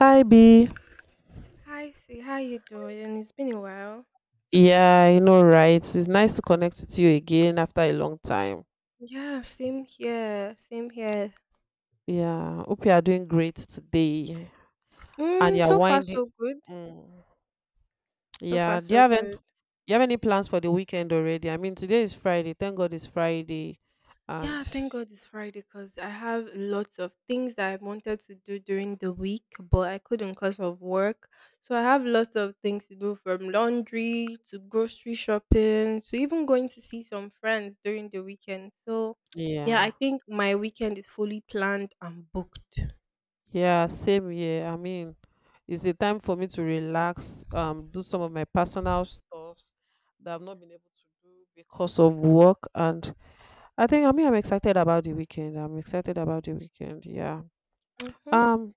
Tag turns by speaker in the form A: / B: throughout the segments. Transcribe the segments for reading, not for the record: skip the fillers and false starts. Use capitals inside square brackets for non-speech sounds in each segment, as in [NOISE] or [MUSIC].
A: Hi B.
B: Hi, see how you doing? It's been a while.
A: Yeah, you know, right? It's nice to connect with you again after a long time.
B: Yeah, same here, same here.
A: Yeah, hope you are doing great today and you're
B: So far
A: winding.
B: so good.
A: Mm.
B: So far
A: Yeah, do you
B: so
A: have any,
B: good.
A: do you have any plans for the weekend already? I mean, today is Friday. Thank God it's Friday.
B: Yeah,
A: And
B: thank God it's Friday because I have lots of things that I wanted to do during the week, but I couldn't because of work. So I have lots of things to do from laundry to grocery shopping to even going to see some friends during the weekend. So yeah, I
A: yeah,
B: think my weekend is fully planned and booked.
A: yeah, same here. I mean, it's a time for me to relax, do some of my personal stuffs that I've not been able to do because of work and I think, I'm excited about the weekend. I'm excited about the weekend. Yeah.
B: Mm-hmm.
A: Um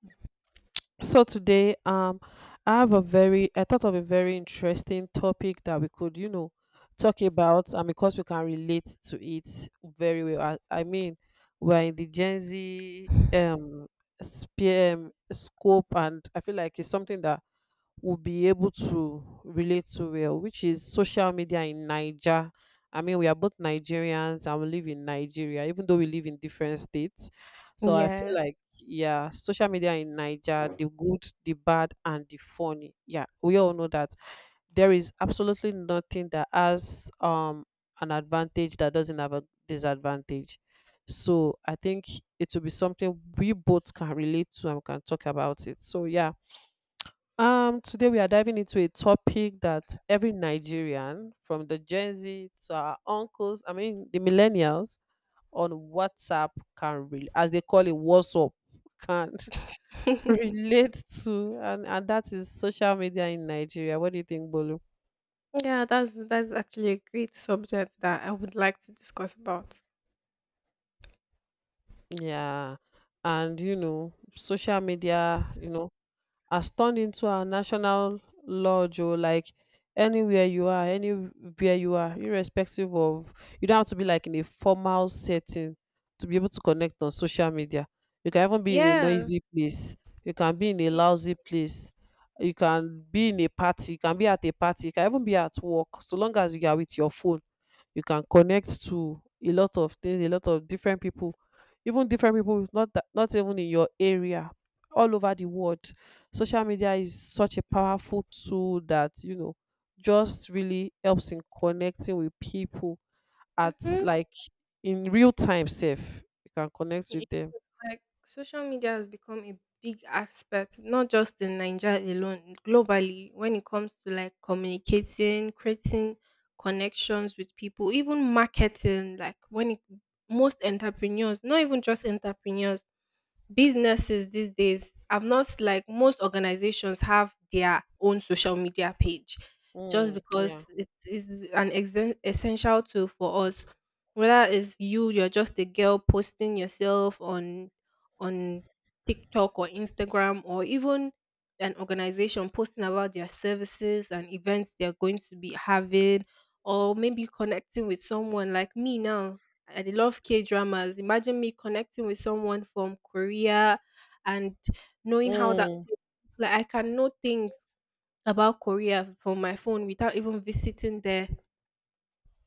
A: so today I have a very I thought of a very interesting topic that we could, you know, talk about and because we can relate to it very well. I mean, we're in the Gen Z spear scope, and I feel like it's something that will be able to relate to well, which is social media in Niger. I mean, we are both Nigerians and we live in Nigeria, even though we live in different states. So I feel
B: Yes.
A: like, yeah, social media in Niger, the good, the bad, and the funny. Yeah, we all know that there is absolutely nothing that has an advantage that doesn't have a disadvantage. So I think it will be something we both can relate to and we can talk about it. So yeah, today we are diving into a topic that every Nigerian, from the Gen Z to our uncles, I mean the millennials on WhatsApp can really, as they call it, WhatsApp can [LAUGHS]
B: [LAUGHS]
A: relate to, and that is social media in Nigeria. What do you think, Bolu?
B: Yeah, that's actually a great subject that I would like to discuss about.
A: Yeah. And you know, social media, you know, has turned into a national lodge, or like anywhere you are, irrespective of— you don't have to be like in a formal setting to be able to connect on social media. You can even be in a
B: Yes.
A: noisy place, you can be in a
B: y-
A: lousy place, you can be at a party, you can even be at work. So long as you are with your phone, you can connect to a lot of things, a lot of different people, even different people with— not even in your area, all over the world. Social media is such a powerful tool that, you know, just really helps in connecting with people at,
B: Mhm.
A: like, in real time. Safe, you can connect with
B: It's
A: them.
B: like social media has become a big aspect, not just in Nigeria alone, globally, when it comes to like communicating, creating connections with people, even marketing, most entrepreneurs, not even just entrepreneurs, businesses these days have not like most organizations have their own social media page just
A: Mm, yeah.
B: because it is an exen essential tool for us whether it's you you're just a girl posting yourself on TikTok or Instagram, or even an organization posting about their services and events they're going to be having, or maybe connecting with someone like me now. I love K dramas. Imagine me connecting with someone from Korea and knowing how that
A: mm,
B: like I can know things about Korea from my phone without even visiting there.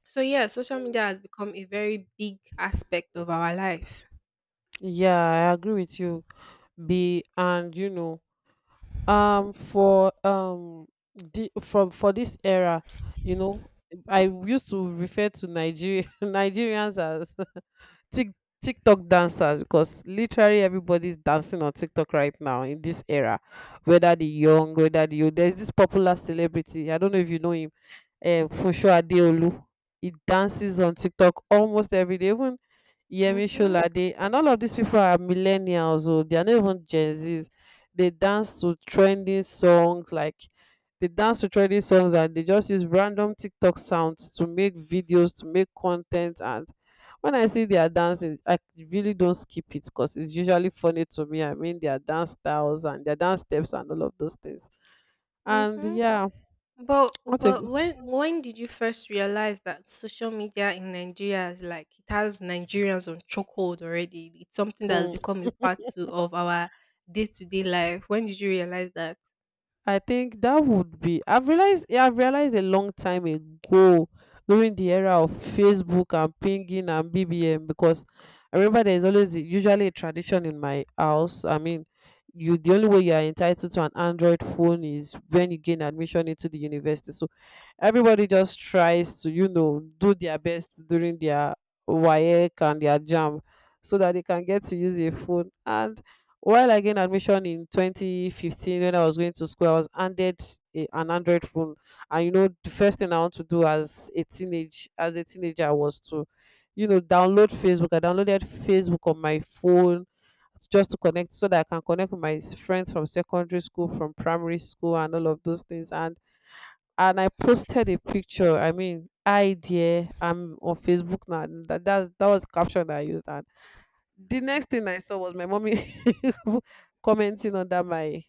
B: So yeah, social media has become a very big aspect of our lives.
A: yeah I agree with you, be and you know, for the from for this era, you know, I used to refer to nigeria [LAUGHS] Nigerians as [LAUGHS] tik TikTok dancers because literally everybody's dancing on TikTok right now in this era, whether the young, whether the old. There's this popular celebrity, I don't know if you know him, Funshò Adeolu. He dances on TikTok almost every day. Even Yemi
B: Mhm.
A: Sholade and all of these people are millennials. Oh, they are not even Gen Zs. They dance to trending songs like they dance to trending songs, and they just use random TikTok sounds to make videos, to make content. And when I see their dancing, I really don't skip it because it's usually funny to me. I mean, their dance styles and their dance steps and all of those things. And
B: Mhm.
A: yeah,
B: But
A: [TSK] what a
B: but when did you first realize that social media in Nigeria is like it has Nigerians on chokehold already? It's something that has
A: hmm.
B: become a of our day to day life. When did you realize that?
A: I think that would be— I've realized. Yeah, I've realized a long time ago, during the era of Facebook and pinging and BBM. Because I remember there's usually a tradition in my house. I mean, you the only way you are entitled to an Android phone is when you gain admission into the university. So everybody just tries to, you know, do their best during their WAEC and their jam, so that they can get to use a phone. And while I gained admission in 2015 when I was going to school, I was handed an Android phone, and you know, the first thing I want to do as a teenager was to, you know, download Facebook. I downloaded Facebook on my phone just to connect, so that I can connect with my friends from secondary school, from primary school, and all of those things. And I posted a picture. I mean, I dear, I'm on Facebook now. That was the caption that I used. And the next thing I saw was my mommy [LAUGHS] commenting under my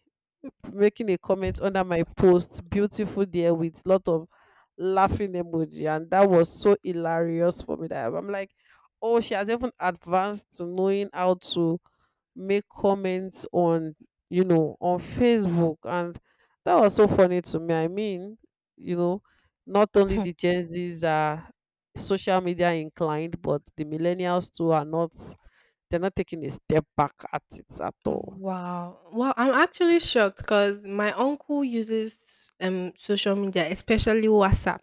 A: making a comment under my post, beautiful there, with lot of laughing emoji. And that was so hilarious for me. That I'm like, oh, she has even advanced to knowing how to make comments on, you know, on Facebook. And that was so funny to me. I mean, you know, not only the
B: [LAUGHS]
A: Gen Z's are social media inclined, but the millennials too are not they're not taking a step back at it at all.
B: Wow. Well, I'm actually shocked because my uncle uses social media, especially WhatsApp.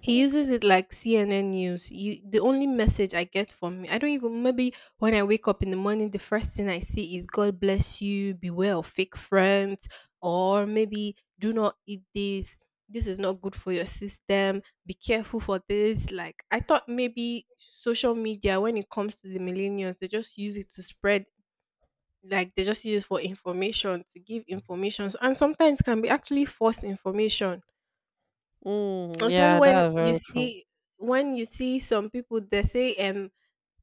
B: He uses it like CNN news. The only
A: [LAUGHS]
B: message I get from me, I don't even, maybe when I wake up in the morning, the first thing I see is, God bless you, beware of fake friends, or maybe do not eat this. This is not good for your system. Be careful for this. Like I thought, maybe social media, when it comes to the millennials, they just use it to spread like they just use it for information, to give information, and sometimes can be actually false information,
A: Mm,
B: especially
A: yeah,
B: when
A: that's
B: you
A: very true.
B: see, some people, they say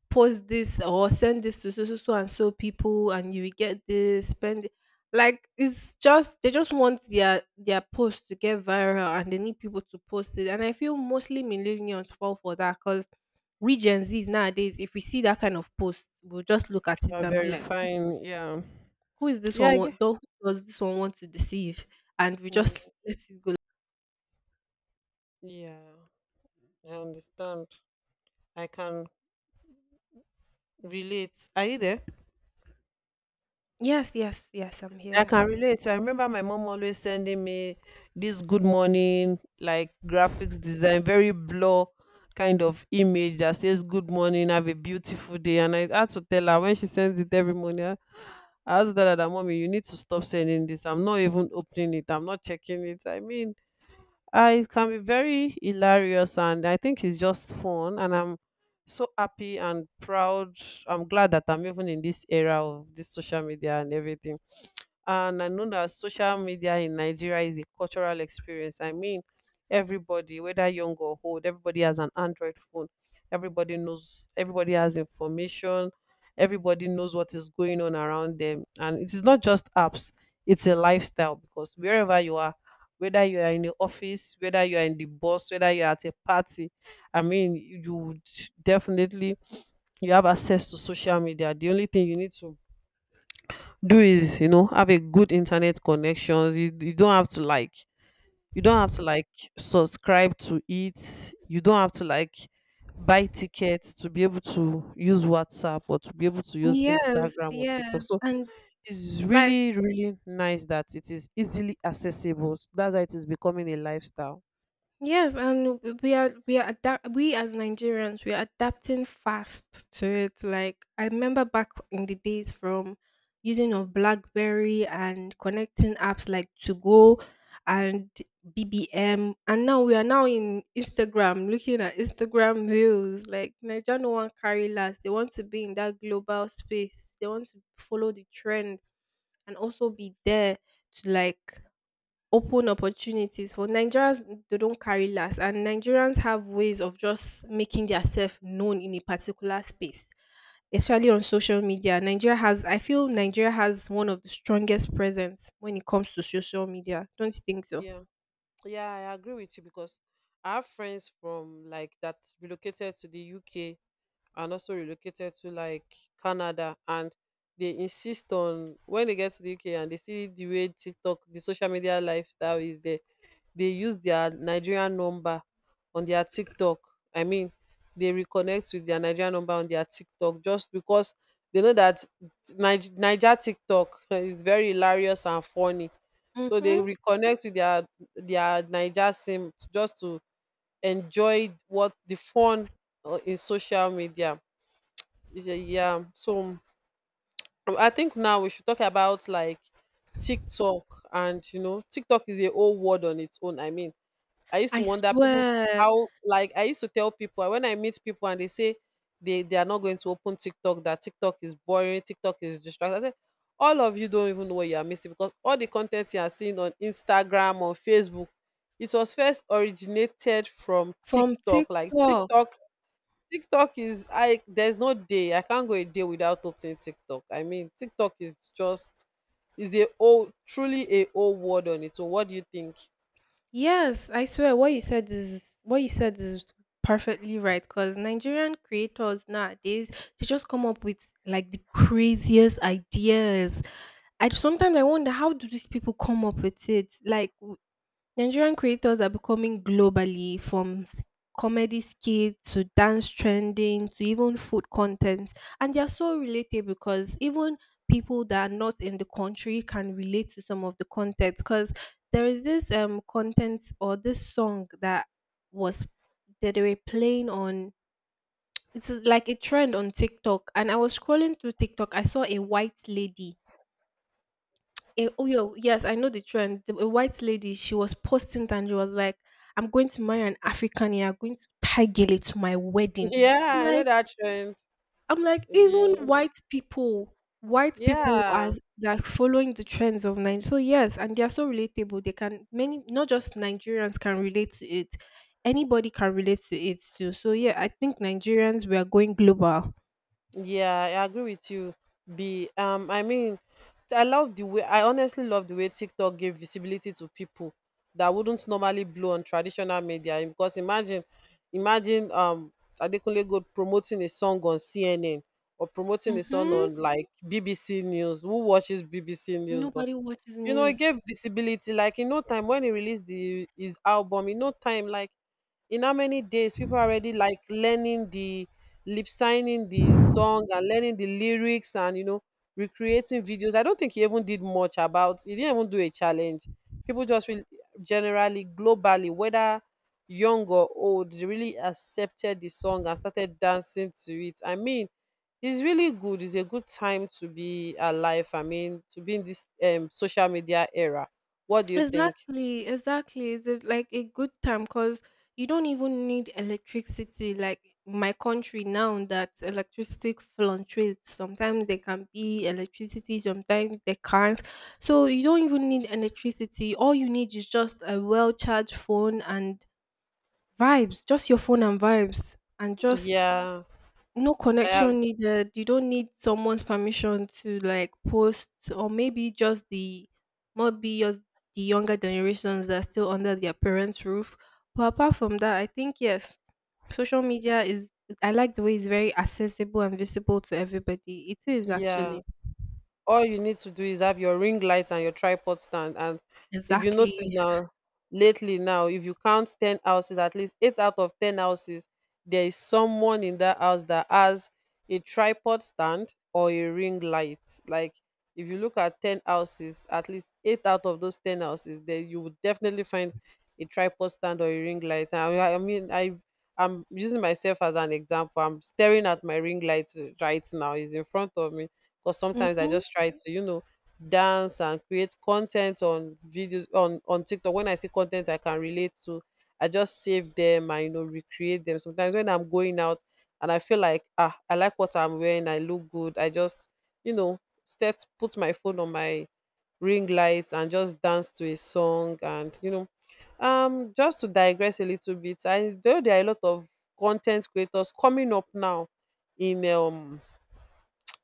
B: post this or send this to so so so and so people and you will get this spend it. Like it's just they just want their post to get viral and they need people to post it. And I feel mostly millennials fall for that because we Gen Z's nowadays, if we see that kind of post, we'll just look at it
A: You're
B: and be like, who
A: verifying, yeah.
B: who is this
A: Yeah,
B: one?
A: I get.
B: Want, though, who does this one want to deceive? And we
A: Mm,
B: just [LAUGHS] let it go.
A: yeah, I understand. I can relate. Are you there?
B: Yes, yes, yes. I'm
A: I
B: here.
A: can relate. I remember my mom always sending me this good morning, like graphics design, very blur kind of image that says good morning, have a beautiful day. And I had to tell her, when she sends it every morning, I had to tell her that mommy, you need to stop sending this. I'm not even opening it. I'm not checking it. I mean, I it can be very hilarious, and I think it's just fun, and I'm so happy and proud. I'm glad that I'm even in this era of this social media and everything. And I know that social media in Nigeria is a cultural experience. I mean, everybody, whether young or old, everybody has an Android phone. Everybody knows, everybody has information. Everybody knows what is going on around them. And it is not just apps, it's a lifestyle. Because wherever you are, whether you are in the office, whether you are in the bus, whether you are at a party, I mean, you would definitely— you have access to social media. The only thing you need to do is, you know, have a good internet connections. You don't have to like— you don't have to like subscribe to it, you don't have to like buy tickets to be able to use WhatsApp, or to be able to use
B: Yes,
A: Instagram or TikTok.
B: yes,
A: So
B: and
A: it's
B: like
A: really really nice that it is easily accessible. That's why it is becoming a lifestyle.
B: Yes, and we as Nigerians, we are adapting fast to it. Like I remember back in the days, from using of BlackBerry and connecting apps like To Go and BBM, and now we are now in Instagram, looking at Instagram reels. Like Nigeria no one carry last. They want to be in that global space. They want to follow the trend and also be there to like open opportunities for Nigerians. They don't carry last, and Nigerians have ways of just making themselves known in a particular space. Especially on social media. Nigeria has I feel Nigeria has one of the strongest presence when it comes to social media. Don't you think so?
A: Yeah. Yeah, I agree with you, because I have friends from like that relocated to the UK and also relocated to like Canada. And they insist on, when they get to the UK and they see the way TikTok, the social media lifestyle is there, they use their Nigerian number on their TikTok. I mean, they reconnect with their Nigerian number on their TikTok, just because they know that Niger TikTok [LAUGHS] is very hilarious and funny. So they
B: Mhm.
A: reconnect with their Naija sim just to enjoy what the fun, in social media. Is a yeah. So I think now we should talk about like TikTok. And you know, TikTok is a whole word on its own. I mean, I used to
B: I
A: wonder people
B: swear
A: how— like, I used to tell people, when I meet people and they say they are not going to open TikTok, that TikTok is boring, TikTok is distracting. I said, all of you don't even know what you are missing, because all the content you are seeing on Instagram, on Facebook, it was first originated from
B: from
A: TikTok.
B: TikTok.
A: TikTok is— I there's no day I can't go a day without opening TikTok. I mean, TikTok is just— is a old, truly a old word on its own. What do you think? [LAUGHS]
B: Yes, I swear what you said is perfectly right, cuz Nigerian creators nowadays they just come up with like the craziest ideas. I sometimes I wonder, how do these people come up with it? Nigerian creators are becoming globally from comedy skit to dance trending to even food content, and they are so relatable because even people that are not in the country can relate to some of the content. Because there is this content or this song that was that they were playing on. It's like a trend on TikTok, and I was scrolling through TikTok. I saw a white lady. Eh, oh yeah, yes, I know the trend. The- A white lady, she was posting and she was like, "I'm going to marry an African. You're going to tie to my wedding." I'm
A: Yeah, I know
B: like,
A: that trend.
B: I'm like, even
A: Yeah,
B: white people are
A: yeah,
B: like following the trends of Nigeria. So yes, and they are so relatable. They can many, not just Nigerians can relate to it. Anybody can relate to it too. So yeah, I think Nigerians, we are going global.
A: yeah, I agree with you, B. I mean, I honestly love the way TikTok gave visibility to people that wouldn't normally blow on traditional media. Because imagine, imagine Adekunle Gold promoting a song on CNN, or promoting a song
B: Mm-hmm.
A: on like BBC News. Who watches BBC News? But
B: Nobody watches
A: you know, it
B: news.
A: gave visibility. Like in no time when he released the his album, in no time, like in how many days, people are already like learning the lip signing the song and learning the lyrics, and you know, recreating videos. I don't think he even did much about— he didn't even do a challenge. People just really, generally, globally, whether young or old, they really accepted the song and started dancing to it. I mean, it's really good. It's a good time to be alive. I mean, to be in this social media era. What do you think?
B: Exactly, exactly. Like a good time because you don't even need electricity. Like my country now, that electricity fluctuates. Sometimes there can be electricity, sometimes there can't. So you don't even need electricity. All you need is just a well charged phone and vibes, just your phone and vibes, and just
A: Yeah,
B: no
A: I
B: connection
A: ag-
B: needed. You don't need someone's permission to like post, or maybe just the younger generations that are still under their parents' roof. But apart from that, I think yes, social media is. I like the way it's very accessible and visible to everybody. It is
A: yeah.
B: actually
A: All you need to do is have your ring light and your tripod stand. And if you notice
B: exactly.
A: now, lately now, if you count ten houses, at least eight out of ten houses, there is someone in that house that has a tripod stand or a ring light. Like if you look at 10 houses, at least eight out of those 10 houses, then you would definitely find a tripod stand or a ring light. And I I'm using myself as an example. I'm staring at my ring light right now. It's in front of me because sometimes I
B: Mhm.
A: just try to dance and create content on videos on tiktok. When I see content I can relate to, I just save them and recreate them. Sometimes when I'm going out and I feel like ah, I like what I'm wearing, I look good. I just you know set put my phone on my ring lights and just dance to a song. And just to digress a little bit, I know there are a lot of content creators coming up now in um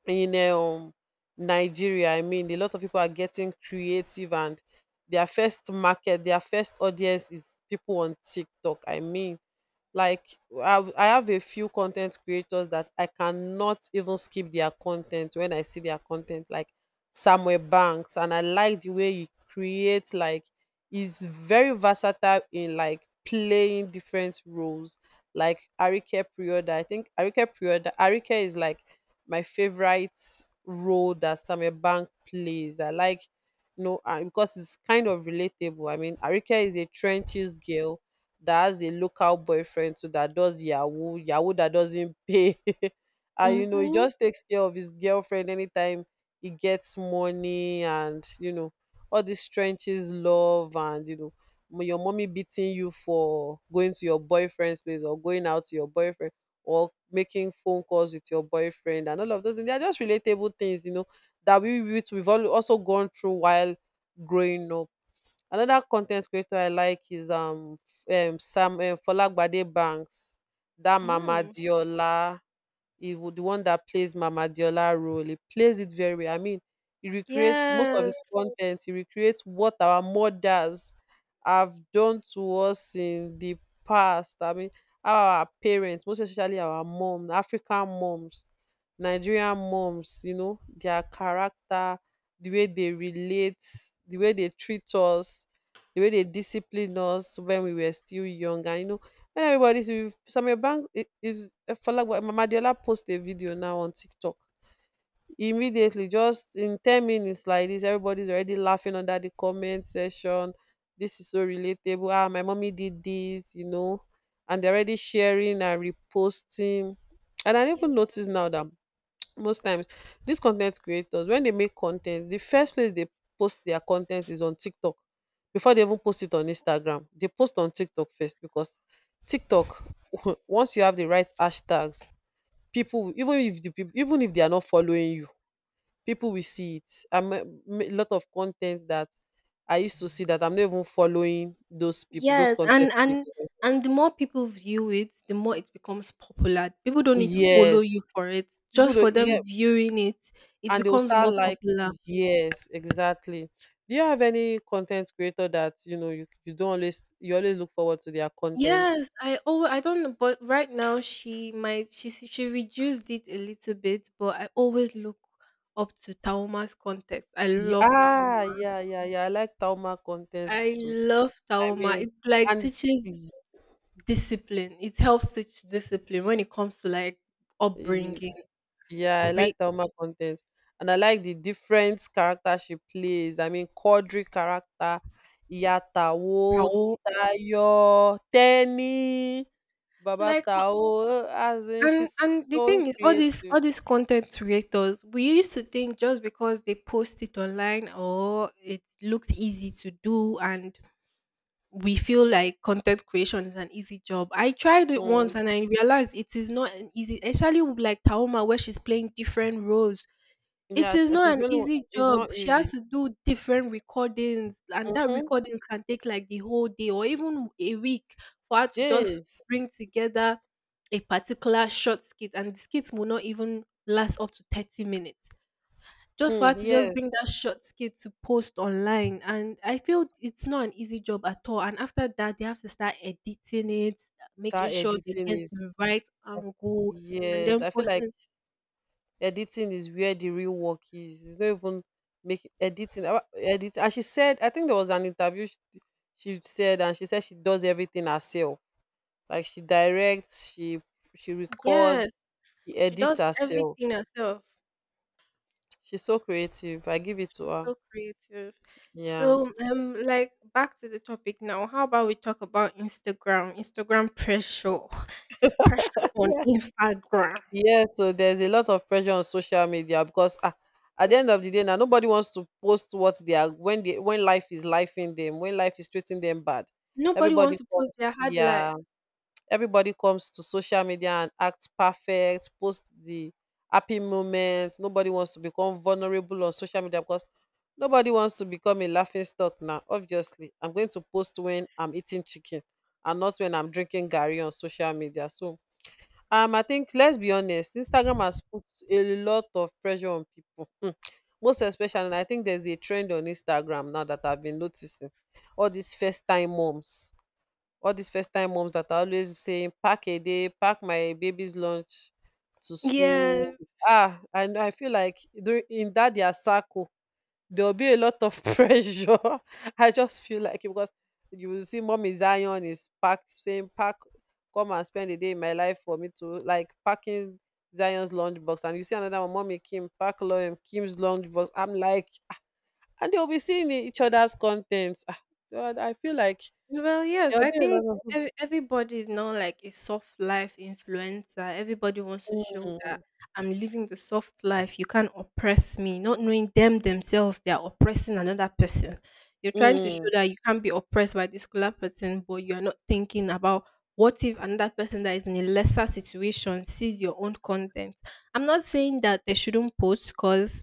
A: in Nigeria. I mean, a lot of people are getting creative and their first market, their first audience is people on TikTok. I mean, like I have a few content creators that I cannot even skip their content when I see their content, like Samuel Banks, and I like the way he creates. Like, he's very versatile in like playing different roles. Like Arike Prioda. I think Arike Prioda, Arike is like my favorite role that Samuel Banks plays. I like, you know, because it's kind of relatable. I mean, Arike is a trenches girl that has a local boyfriend too that does yahoo yahoo, that doesn't pay [LAUGHS] and you know he
B: Mhm.
A: just takes care of his girlfriend anytime he gets money. And you know all this trenches love and you know your mommy beating you for going to your boyfriend's place or going out to your boyfriend or making phone calls with your boyfriend and all of those things. They are just relatable things, you know, that we've all also gone through while growing up. Another con ten t creator I like is f- sam folagbade bangs dat mama
B: Mm.
A: deola. The one that plays Mama Diola role. He plays it very well. I mean, he recreates most of
B: Yes.
A: his content. He recreates what our mothers have done to us in the past. I mean, our parents, most especially our mom, African moms, Nigerian moms. You know, their character, the way they relate, the way they treat us, the way they discipline us when we were still young. And you know when everybody see Samuel Bank is Mamadiola post a video now on TikTok. Immediately, just in 10 minutes like this, everybody's already laughing under the comment section. This is so relatable. Ah, my mommy did this, you know, and they're already sharing and reposting. And I didn't even notice now that most times these content creators when they make content, the first place they post their content is on tiktok. Before they even post it on instagram, they post on tiktok first, because tiktok [LAUGHS] once you have the right hashtags, people even if the people, even if they are not following you, people will see it. I'm a lot of content that I used to see that I'm not even following those people, those
B: Yes,
A: content creators.
B: and the more people view it, the more it becomes popular. People don't need to follow you
A: Yes,
B: for it.
A: people
B: Just for
A: don't,
B: them
A: yeah.
B: viewing it, it
A: And they'll
B: becomes
A: start
B: more
A: like,
B: popular.
A: yes exactly. Do you have any content creator that you know you, you don't always you always look forward to their content?
B: Yes, I oh I don't know, but right now she might she reduced it a little bit, but I always look up to Tauma's context. I love
A: Yeah,
B: Tauma.
A: yeah, yeah, yeah, I like tauma content
B: I
A: too.
B: love
A: I
B: Tauma.
A: mean,
B: It like
A: and
B: teaches
A: y-
B: discipline. It helps teach discipline when it comes to like
A: y-
B: upbringing,
A: yeah I like
B: break,
A: tauma content. And I like the different character she plays. I mean Quadri character, yatawo, tayo Teni, Baba
B: like.
A: babatao, as in she's
B: And the
A: so
B: thing is, all these
A: creative.
B: all these content creators, we used to think just because they post it online or it looks easy to do, and we feel like content creation is an easy job. I tried it once
A: Mm.
B: and I realized it is not an easy, especially with like Taoma where she's playing different roles. It
A: Yeah,
B: is not
A: she's
B: an
A: doing only.
B: easy
A: It's not
B: job. She has
A: easy.
B: to do different recordings, and that
A: Mm-hmm.
B: recording can take like the whole day or even a week for her to just
A: This,
B: bring together a particular short skit, and the skit will not even last up to 30 minutes. Just
A: hmm,
B: for her to just
A: yes,
B: bring that short skit to post online. And I feel it's not an easy job at all. And after that, they have to start editing it, making
A: that
B: sure they
A: editing
B: get
A: is,
B: the right angle, and
A: yes.
B: then
A: I feel like
B: posting.
A: editing is where the real work is. It's not even make editing. Edit. And she said, I think there was an interview she said, and she said she does everything herself. Like she directs, she records,
B: Yes,
A: she
B: she
A: edits
B: does
A: herself.
B: everything herself.
A: She's so creative. I give it to her.
B: So creative.
A: Yeah.
B: So, like back to the topic now. How about we talk about Instagram? Instagram pressure, pressure on Instagram.
A: Yes, so there's a lot of pressure on social media because ah, at the end of the day, now nobody wants to post what they are when they when life is life in them, when life is treating them bad.
B: Nobody wants
A: Everybody
B: to post
A: comes,
B: their hard life.
A: yeah, everybody comes to social media and acts perfect, post the happy moments. Nobody wants to become vulnerable on social media because nobody wants to become a laughing stock now. Obviously, I'm going to post when I'm eating chicken and not when I'm drinking Gary on social media. So I think let's be honest, Instagram has put a lot of pressure on people. Hmm. Most especially, and I think there's a trend on Instagram now that I've been noticing. All these first time moms, all these first time moms that are always saying, pack a day, pack my baby's lunch to school.
B: Yes.
A: Ah, and I feel like in that their circle, there'll be a lot of [LAUGHS] pressure. I just feel like it because you will see mommy Zion is packed saying pack, come and spend a day in my life for me to like packing Zion's lunchbox. And you see another one, mommy Kim pack Loem Kim's lunchbox. I'm like, and they'll be seeing each other's contents. Ah God, I feel like
B: Well, yes,
A: there'll
B: I
A: be a
B: think
A: lot of
B: ev- everybody is now like a soft life influencer. Everybody wants to show that
A: mm,
B: I'm living the soft life. You can't oppress me, not knowing them themselves, they are oppressing another person. You're trying to show
A: mm,
B: that you can't be oppressed by this particular person, but you are not thinking about what if another person that is in a lesser situation sees your own content. I'm not saying that they shouldn't post because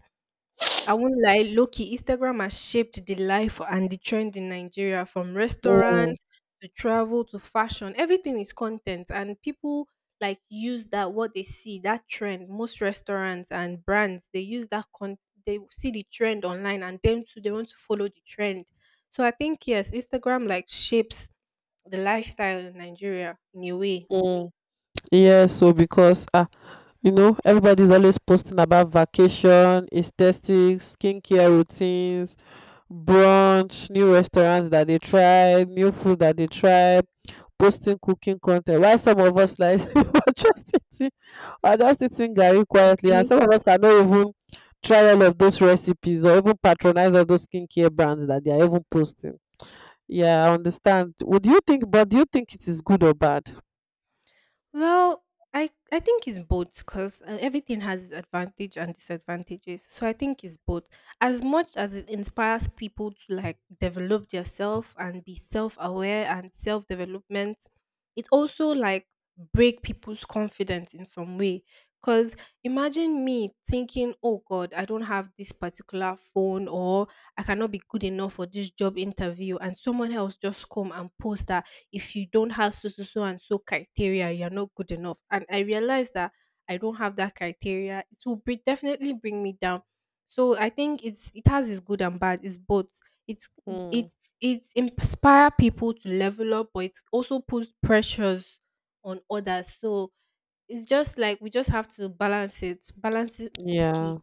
B: I won't lie, low Instagram has shaped the life and the trend in Nigeria from
A: mm,
B: restaurants to travel to fashion. Everything is content, and people like use that what they see that trend. Most restaurants and brands, they use that con they see the trend online, and them too they want to follow the trend. So I think yes, Instagram like shapes the lifestyle in Nigeria in a way.
A: mm. Yes, so because ah, you know everybody's always posting about vacation aesthetics, skincare routines, brunch, new restaurants that they tried, new food that they tried, posting cooking content. Why some of us like [LAUGHS] just eating we're just eating garri quietly, and
B: Big.
A: some of us cannot even try all of those recipes or even patronize all those skincare brands that they are even posting. Yeah, I understand. Would you think, but do you think it is good or bad?
B: Well, I think it's both because everything has its advantage and disadvantages. So I think it's both. As much as it inspires people to like develop themselves and be self-aware and self-development, it also like break people's confidence in some way. Cause imagine me thinking, oh God, I don't have this particular phone, or I cannot be good enough for this job interview, and someone else just come and post that if you don't have so so so and so criteria, you're not good enough. And I realized that I don't have that criteria. It will be, definitely bring me down. So I think it's, it has its good and bad. It's both. It's it
A: Mm.
B: it inspire people to level up, but it also puts pressures on others. So it's just like we just have to balance it. Balancing is key.
A: Yeah,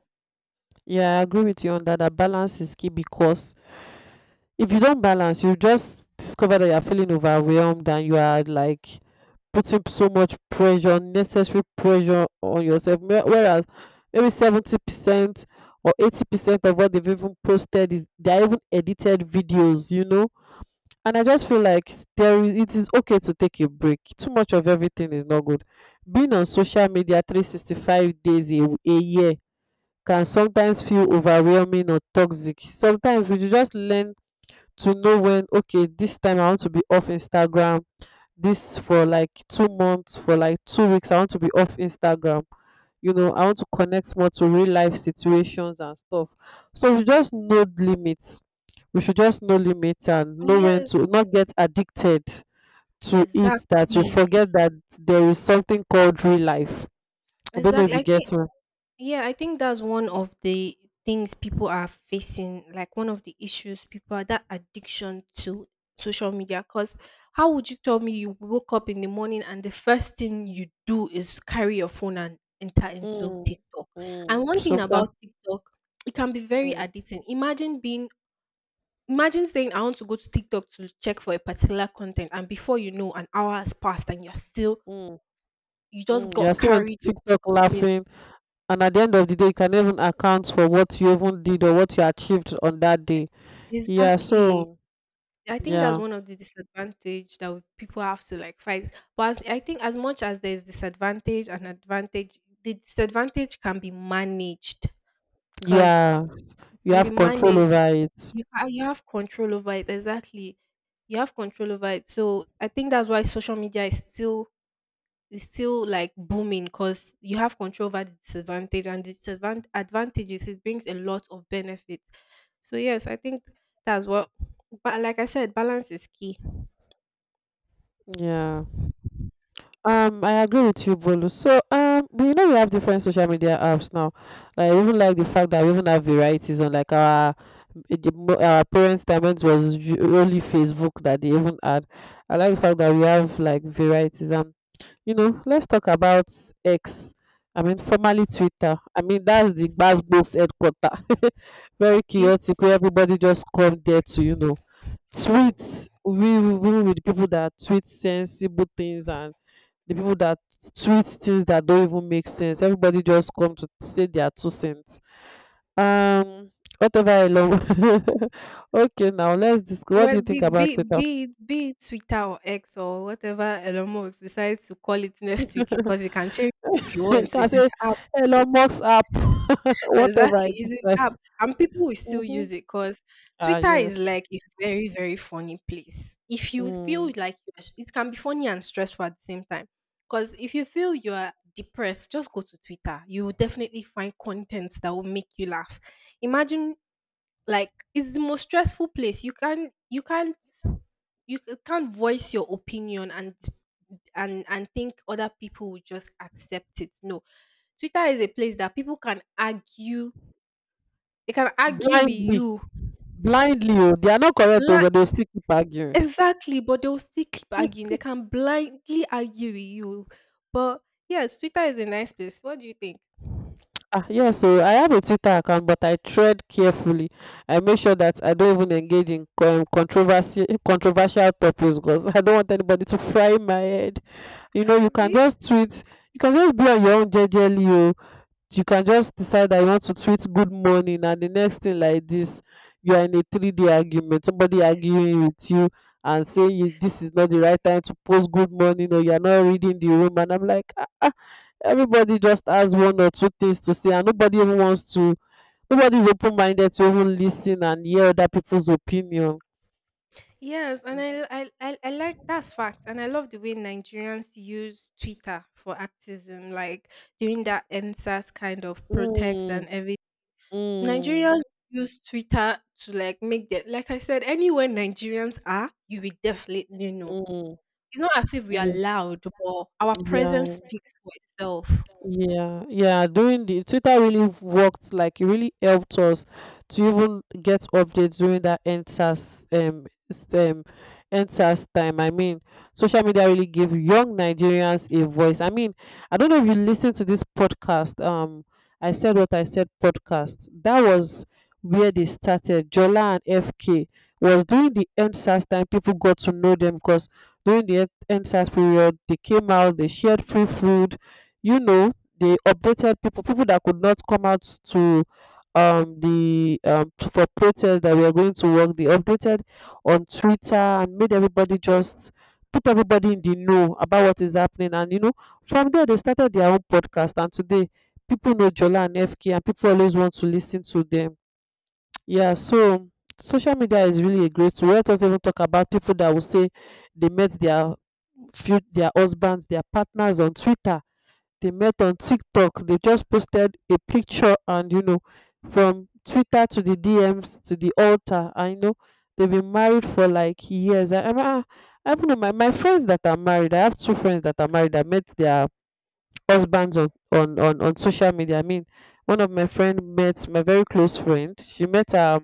A: yeah, I agree with you on that. That balance is key because if you don balance you just discover that you are feeling overwhelmed, and you are like putting so much pressure, unnecessary pressure on yourself. Whereas maybe 70% or 80% of what they've even posted is they are even edited videos, you know. And I just feel like s- there is it is okay to take a break. Too much of everything is not good. Being on social media 365 days a year can sometimes feel overwhelming or toxic. Sometimes we just learn to know when, okay, this time I want to be off instagram this for like 2 months, for like 2 weeks I want to be off instagram. You know I want to connect more to real life situations and stuff. So we just know the limits. We should just know limits and know when
B: Yes,
A: to not get addicted to it, that we
B: exactly.
A: forget that there is something called real life. I don't know if
B: Exactly.
A: you
B: I think
A: get me.
B: Yeah, I think that's one of the things people are facing, like one of the issues people are that addiction to social media. Because how would you tell me you woke up in the morning and the first thing you do is carry your phone and enter into
A: Mm,
B: TikTok? And
A: mm,
B: one thing
A: sometimes
B: about TikTok, it can be very
A: mm,
B: addicting. Imagine saying I want to go to TikTok to check for a particular content, and before you know, an hour has passed, and you're still
A: mm,
B: you just
A: mm.
B: got
A: You're still on
B: carried
A: tiktok
B: away.
A: laughing, and at the end of the day you can even account for what you even did or what you achieved on that day. Yeah,
B: Exactly.
A: so
B: I think that's
A: yeah,
B: one of the disadvantage that people have to like fight. I think as much as there's disadvantage and advantage, the disadvantage can be managed because
A: yeah,
B: it
A: you
B: can be
A: have control
B: managed.
A: over it.
B: You have control over it, exactly. You have control over it. So I think that's why social media is still like booming because you have control over the disadvantage and disadvantage advantages. It brings a lot of benefits. So yes, I think that's what. But like I said, balance is key.
A: Yeah, I agree with you, bolu. So but you know we have different social media apps now. Like I even like the fact that we even have varieties. On like our our parents time, it was only facebook that they even had. I like the fact that we have like varieties, you know. Let's talk about X. I mean, formerly Twitter. I mean, that's the Gbasbo's headquarter. [LAUGHS] Very
B: Abi?
A: chaotic, where everybody just come there to, you know, tweet. We even with people that tweet sensible things, and the people that tweet things that don't even make sense. Everybody just come to say their two cents. Um, Whatever I love. [LAUGHS] Okay, now let's discuss. What
B: Well,
A: do you
B: be
A: think about
B: be
A: Twitter?
B: be it be it Twitter or X or whatever Elon Musk decides to call it next week, because you can change if you
A: [LAUGHS]
B: want.
A: Can I
B: It's
A: say
B: his app.
A: Elon Musk's app? [LAUGHS] Whatever I
B: Exactly, it's his app,
A: decide.
B: and people will still
A: Mhm.
B: use it because
A: Ah,
B: Twitter is
A: yes.
B: like a very very funny place. If you feel
A: Mm.
B: like it can be funny and stressful at the same time, because if you feel you are depressed, just go to Twitter. You will definitely find content that will make you laugh. Imagine like it's the most stressful place. You can't you can't voice your opinion and and think other people will just accept it. No. Twitter is a place that people can argue. They can argue with
A: Blindly.
B: you.
A: Blindly, oh. They are not correct, oh,
B: Bla-
A: but they'll still keep arguing.
B: exactly, but they will still keep arguing. They can blindly argue with you. But yes, Twitter is a nice place. What do you think?
A: Ah, yes, so I have a Twitter account, but I tread carefully. I make sure that I don't even engage in controversy, controversial topics because I don't want anybody to fry my head. You know, you can
B: Abi?
A: just tweet, you can just be on your own jejely, oh. You can just decide that you want to tweet good morning, and the next thing like this, you are in a 3-day argument, somebody arguing with you and saying you, this is not the right time to post good morning, or you are not reading the room. And I'm like, everybody just has one or two things to say, and nobody's open-minded to even listen and hear other people's opinion.
B: Yes, and I,
A: Mm,
B: I I I like that's fact, and I love the way Nigerians use Twitter for activism, like doing that NSAS kind of protest and everything.
A: mm,
B: Nigerians
A: mm,
B: use Twitter to like make them, like I said, anywhere Nigerians are, you will definitely know. It's not as if we
A: mm.
B: are
A: Yeah,
B: loud, but our presence
A: yeah.
B: speaks for itself.
A: Yeah, yeah. During the Twitter really worked, like it really helped us to even get updates during that enters time. I mean, social media really gave young Nigerians a voice. I mean, I don't know if you listen to this podcast. I said what I said podcast. That was where they started. Jola and FK was during the enters time. People got to know them because during the enters period, they came out. They shared free food. You know, they updated people, that could not come out, for protest, that we are going to work. They updated on Twitter and made everybody, just put everybody in the know about what is happening. And you know, from there they started their own podcast, and today people know Jola and FK, and people always want to listen to them. Yeah, so social media is really a great tool. Let us even talk about people that will say they met their husbands, their partners on Twitter. They met on TikTok. They just posted a picture, and you know, from Twitter to the DMs to the altar. I know they've been married for like years. I even know my friends that are married. I have two friends that are married. I met their husbands on social media. I mean, one of my friend met my very close friend. She met her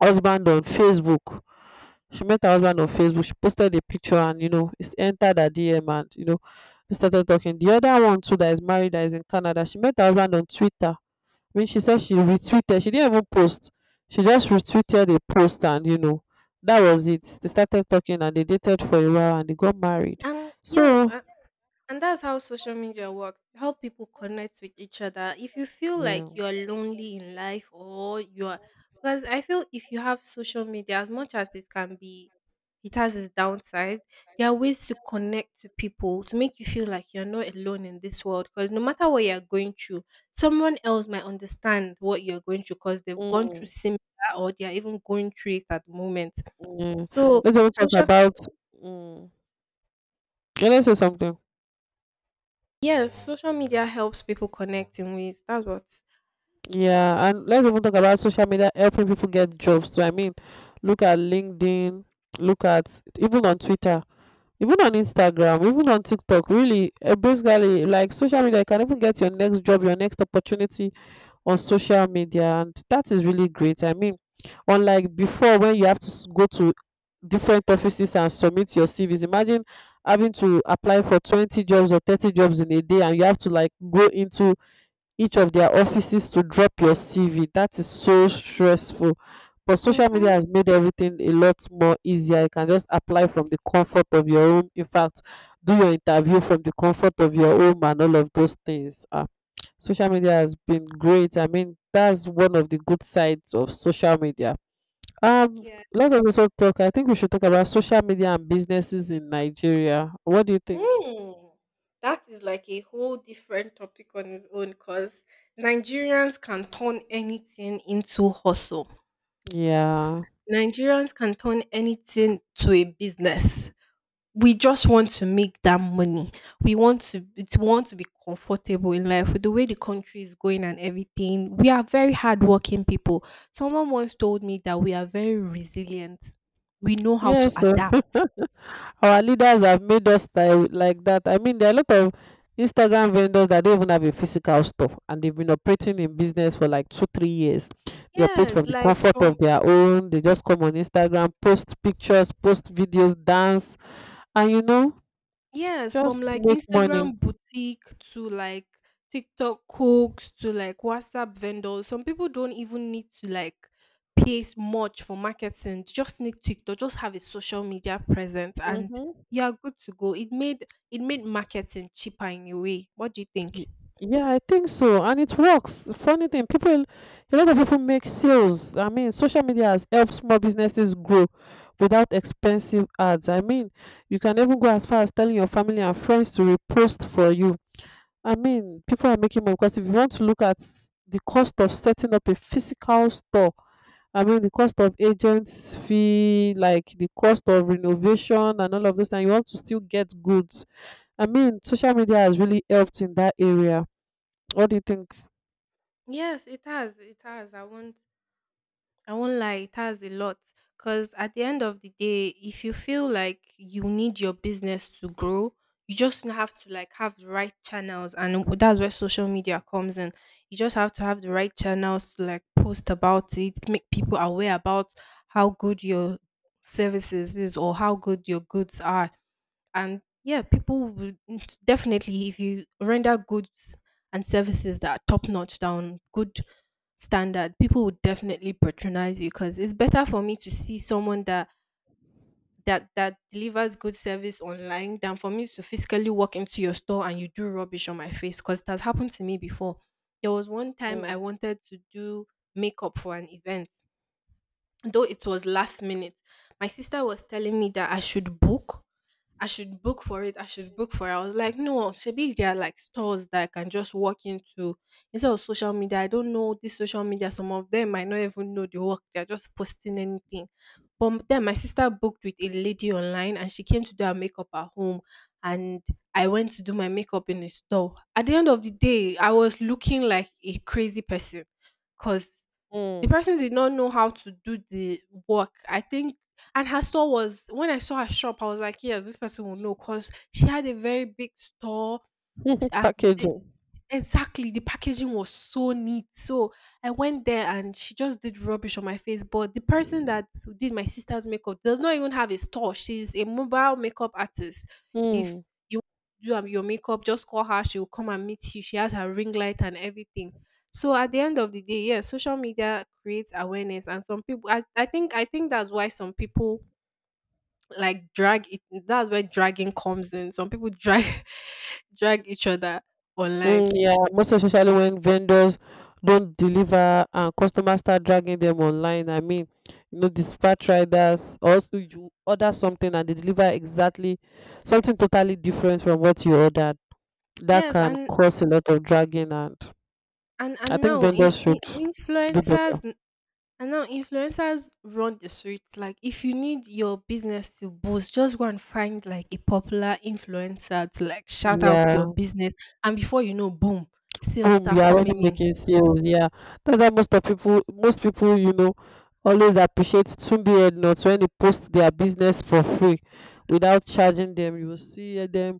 A: husband on Facebook. She posted a picture, and you know, it's entered her DM, and you know, they started talking. The other one too that is married, that is in Canada, she met her husband on Twitter. I mean, she said she retweeted. She didn't even post. She just retweeted a post, and you know, that was it. They started talking and they dated for a while and they got married.
B: And yes,
A: So
B: and that's how social media works. How people connect with each other. If you feel like
A: yeah.
B: you're lonely in life or you're because I feel if you have social media, as much as it can be it has its downsides, there are ways to connect to people to make you feel like you're not alone in this world. Because no matter what you're going through, someone else might understand what you're going through because they've gone through
A: Mm,
B: similar or they're even going through it at the moment.
A: yeah.
B: So
A: Let's even talk
B: social
A: about. Mm, yeah, let's say something.
B: yes, social media helps people connect in ways. That's what.
A: Yeah, and let's even talk about social media helping people get jobs too. I mean, look at LinkedIn, look at even on Twitter, even on Instagram, even on TikTok. Really, basically, like social media, you can even get your next job, your next opportunity on social media, and that is really great. I mean, unlike before when you have to go to different offices and submit your CVs. Imagine having to apply for 20 jobs or 30 jobs in a day, and you have to like go into each of their offices to drop your CV. That is so stressful. But social media
B: Mhm.
A: has made everything a lot more easier. You can just apply from the comfort of your home. In fact, do your interview from the comfort of your home and all of those things. Ah, social media has been great. I mean, that's one of the good sides of social media. Um,
B: Yeah.
A: Lot of also talk. I think we should talk about social media and businesses in Nigeria. What do you think?
B: Hmm. That is like a whole different topic on its own because Nigerians can turn anything into hustle.
A: Yeah.
B: Nigerians can turn anything to a business. We just want to make that money. We want to want to be comfortable in life with the way the country is going and everything. We are very hardworking people. Someone once told me that we are very resilient. We know how to
A: Yes, oh.
B: adapt.
A: [LAUGHS] Our leaders have made us like that. I mean, there are a lot of Instagram vendors that don't even have a physical store, and they've been operating in business for like two, 3 years. They operate
B: Yes,
A: from the
B: like
A: comfort
B: from
A: of their own. They just come on Instagram, post pictures, post videos, dance, and you know,
B: Yes,
A: just
B: from like
A: make money.
B: Instagram boutique to like TikTok cooks to like WhatsApp vendors. Some people don't even need to like much for marketing. They just need TikTok, just have a social media presence and
A: Hmm.
B: you are good to go. It made marketing cheaper in a way. What do you think?
A: Y- Yeah, I think so, and it works. Funny thing, people, a lot of people make sales. I mean, social media has helped small businesses grow without expensive ads. I mean, you can even go as far as telling your family and friends to repost for you. I mean, people are making money because if you want to look at the cost of setting up a physical store, I mean, the cost of agents fee, like the cost of renovation and all of those, and you want to still get goods. I mean, social media has really helped in that area. What do you think?
B: Yes, it has. It has. I won't lie, it has a lot. Because at the end of the day, if you feel like you need your business to grow, you just have to like have the right channels, and that's where social media comes in. You just have to have the right channels to like post about it, make people aware about how good your services is or how good your goods are, and yeah, people would definitely, if you render goods and services that are top notch, down, good standard, people would definitely patronize you, because it's better for me to see someone that that delivers good service online than for me to physically walk into your store and you do rubbish on my face, because it has happened to me before. There was one time I
A: Mm.
B: wanted to do makeup for an event, though it was last minute. My sister was telling me that I should book for it. I should book for it. I was like, no, maybe there are like stores that I can just walk into instead of social media. I don't know this social media. Some of them might not even know the work. They're just posting anything. But then my sister booked with a lady online and she came to do her makeup at home. And I went to do my makeup in a store. At the end of the day, I was looking like a crazy person because the
A: Mm.
B: person did not know how to do the work. I think And her store was, when I saw her shop, I was like, yes, this person will know because she had a very big store.
A: [LAUGHS]
B: Uh, the
A: Packaging.
B: Exactly, the packaging was so neat. So I went there and she just did rubbish on my face. But the person that did my sister's makeup does not even have a store. She's a mobile makeup artist. If
A: Mm.
B: you do your makeup, just call her. She will come and meet you. She has her ring light and everything. So at the end of the day, yeah, social media creates awareness, and some people. I think that's why some people like drag it, that's where dragging comes in. Some people drag [LAUGHS] drag each other
A: Mm,
B: online.
A: yeah, most especially when vendors don't deliver and customers start dragging them online. I mean, you know, dispatch riders also, you order something and they deliver exactly something totally different from what you ordered. That
B: Yes,
A: can
B: and
A: cause a lot of dragging, and
B: and
A: I
B: and
A: think
B: now
A: vendors
B: in
A: should do better.
B: influencers and now influencers run the street. Like if you need your business to boost, just go and find like a popular influencer to like shout out
A: Yeah.
B: your business, and before you know, boom, sales
A: Boom,
B: start
A: you're already
B: coming in.
A: making sales. Yeah, that's why most people, you know, always appreciate Tunde Headnots when they post their business for free without charging them. You will see them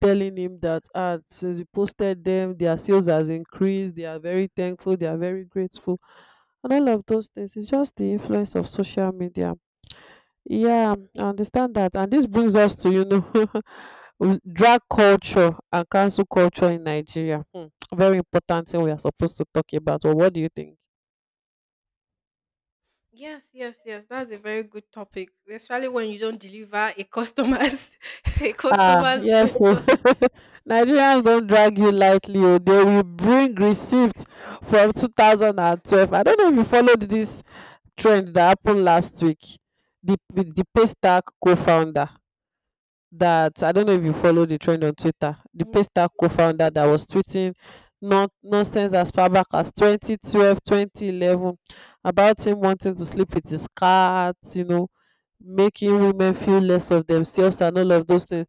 A: telling him that, since he posted them, their sales has increased. They are very thankful, they are very grateful, and all of those things. It's just the influence of social media. Yeah, I understand that. And this brings us to, you know, [LAUGHS] drag culture and cancel culture in Nigeria. Hmm, very important thing we are supposed to talk about. Well, what do you think?
B: Yes, yes, yes. That's a very good topic, especially when you don't deliver a customer's [LAUGHS] a
A: Ah,
B: customer's
A: yes.
B: goods.
A: So [LAUGHS] Nigerians don't drag you lightly. Oh. They will bring receipts from 2012. I don't know if you followed this trend that happened last week. With the Paystack co-founder. That I don't know if you follow the trend on Twitter, the Paystar co-founder that was tweeting nonsense as far back as 2012, 2011, about him wanting to sleep with his cat, you know, making women feel less of themselves and all of those things.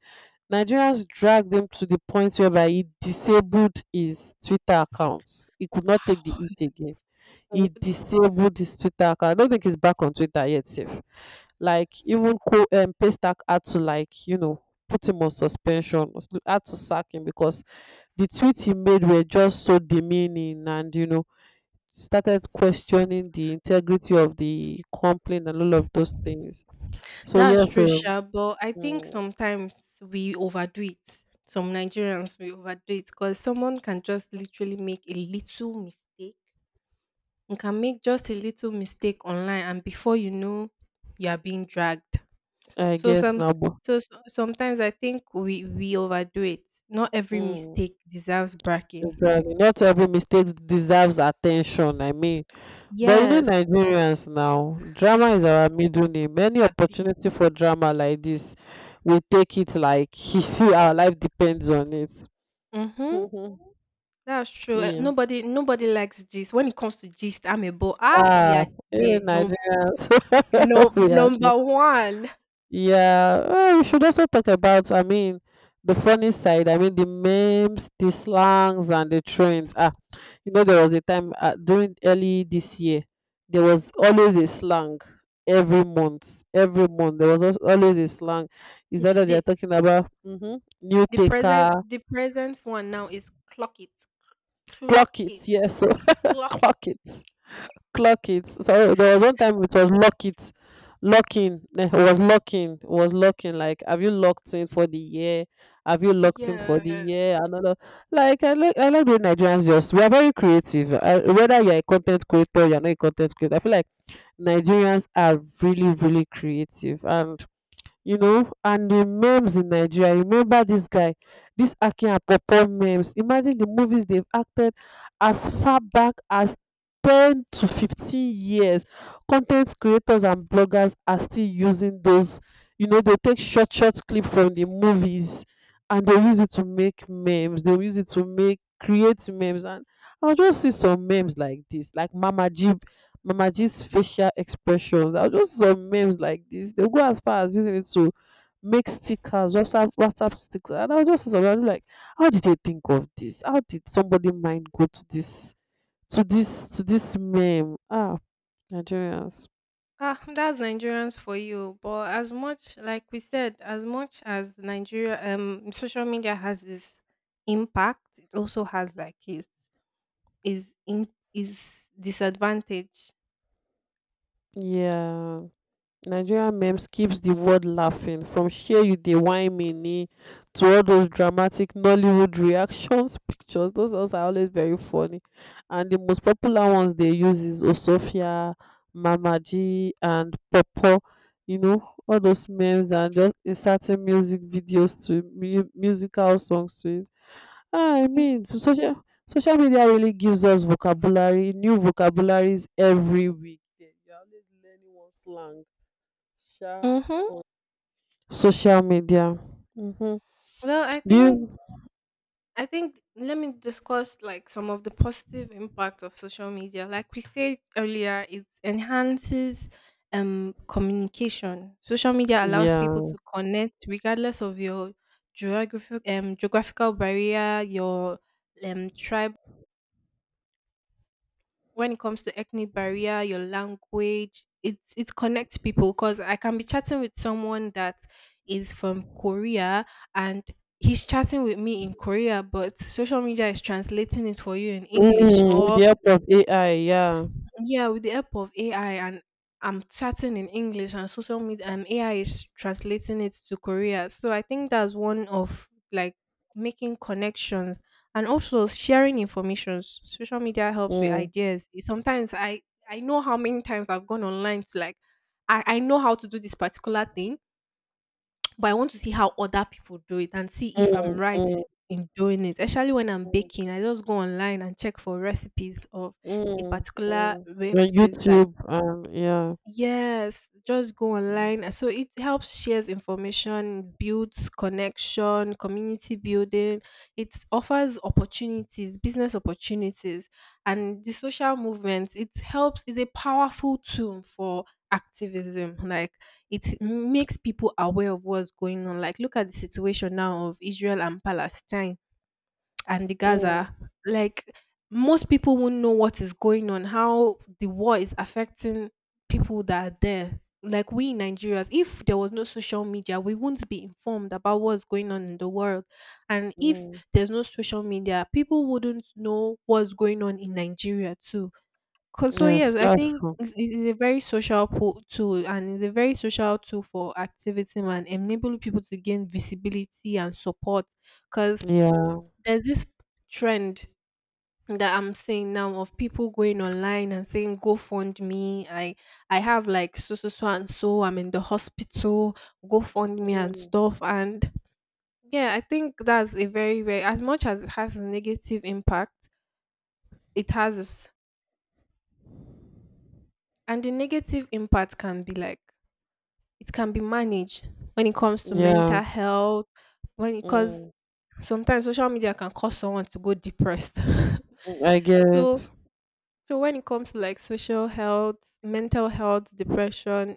A: Nigerians dragged him to the point whereby he disabled his Twitter accounts. He could not take the heat again,
B: W
A: he disabled his Twitter account. I don't think he's back on Twitter yet, safe. Like, even Co Paystack had to, like, you know, put him on suspension, had to sack him because the tweets he made were just so demeaning, and you know, started questioning the integrity of the complaint and all of those things. So
B: That's
A: yes,
B: true sha, but I think
A: mm.
B: sometimes we overdo it. Some Nigerians, we overdo it because someone can just literally make a little mistake. You can make just a little mistake online and before you know, you are being dragged.
A: I
B: So
A: guess
B: some,
A: now, but
B: so sometimes I think we overdo it. Not every
A: mm,
B: mistake deserves
A: you
B: bragging.
A: dragging. Not every mistake deserves attention. I mean. But you know,
B: Yes,
A: Nigerians now, drama is our middle name. Any
B: abi.
A: opportunity for drama like this, we take it like, [LAUGHS] you see our life depends on it.
B: Mhm,
A: Mhm.
B: that's true. Eh,
A: Yeah.
B: nobody likes gist. When it comes to gist, I'm amebo, ah, we
A: ah
B: are
A: eh,
B: here.
A: nigerians
B: No,
A: [LAUGHS] We are there.
B: number one,
A: Yeah, well, we should also talk about, I mean, the funny side, I mean, the memes, the slangs, and the trends. You know, there was a time during early this year, there was always a slang every month. Every month, there was always a slang. Is that that they're
B: the
A: talking about? New
B: the
A: taker,
B: present one now is clock it, clock
A: clock
B: it,
A: it? Yes, so [LAUGHS]
B: clock.
A: clock it, clock it. So there was one time it was lock it, locking. It was locking, it was locking. Like, have you locked in for the year? Have you locked in for the
B: Yes,
A: year? Another. Like I like the way Nigerians just, we are very creative. Whether you're a content creator, you're not a content creator. I feel like Nigerians are really, really creative. And, you know, and the memes in Nigeria, you remember this guy, this Akin Apopo memes. Imagine the movies they've acted as far back as 10 to 15 years. Content creators and bloggers are still using those, you know, they take short, short clip from the movies and they use it to make memes. They use it to make create memes, and I'll just see some memes like this, like Mama G, mama gist facial expressions. I just saw memes like this, they go as far as using it to make stickers, WhatsApp stickers, and I will just see something, I'm like, how did they think of this? How did somebody mind go to this meme? Nigerians.
B: ah, that's Nigerians for you. But as much like we said, as much as Nigeria, social media has its impact, it also has like its is in is disadvantage.
A: Yeah, Nigerian memes keeps the world laughing, from share you dey whine me ni, to all those dramatic Nollywood reactions. [LAUGHS] Pictures, those ones are always very funny. And the most popular ones they use is Osofia, Mamaji and Popo, you know, all those memes and just inserting music videos to musical songs to it. Ah, I mean, social media really gives us vocabulary, new vocabularies every week. Then you're always learning one slang sha
B: Mm-hmm.
A: on social media. Hmm.
B: Well,
A: Do you?
B: I think let me discuss like some of the positive impact of social media. Like we said earlier, it enhances communication. Social media allows people
A: Yeah.
B: to connect regardless of your geographical barrier, your tribe when it comes to ethnic barrier, your language. It connects people because I can be chatting with someone that is from Korea and he's chatting with me in Korea, but social media is translating it for you in English,
A: Mm, with
B: or
A: the help of AI, yeah.
B: yeah, with the help of AI, and I'm chatting in English and social media and AI is translating it to Korea. So I think that's one of like making connections and also sharing information. Social media helps with
A: Mm,
B: ideas. It- Sometimes I know how many times I've gone online to like I know how to do this particular thing, but I want to see how other people do it and see if
A: mm,
B: I'm right
A: mm,
B: in doing it. Especially when I'm
A: mm,
B: baking, I just go online and check for recipes of a
A: mm,
B: particular
A: mm. On
B: recipe that,
A: YouTube, yeah.
B: yes, just go
A: Mm,
B: online. So it helps shares information, builds connection, community building. It offers opportunities, business opportunities, and the social movement. It helps is a powerful tool for activism. Like it makes people aware of what's going on. Like look at the situation now of Israel and Palestine and the
A: mm,
B: Gaza. Like most people won't know what is going on, how the war is affecting people that are there. Like we in Nigerians, if there was no social media, we wouldn't be informed about what's going on in the world. And if
A: mm.
B: there's no social media, people wouldn't know what's going on in Nigeria too. 'Cause- so
A: Yes,
B: yes, I
A: that's
B: think
A: true.
B: it is a very tool, and it's a very social tool for activism and enabling people to gain visibility and support. Because
A: Yeah,
B: there's this trend that I'm seeing now of people going online and saying, "Go fund me! I have like so and so. I'm in the hospital. Go fund me" and
A: mm,
B: stuff. And yeah, I think that's a very as much as it has a negative impact, it has its- and the negative impact can be like it can be managed when it comes to mental
A: yeah.
B: health. When Because
A: Mm,
B: sometimes social media can cause someone to go depressed.
A: mm, I
B: [LAUGHS]
A: get
B: so
A: it.
B: So when it comes to like social health, mental health, depression,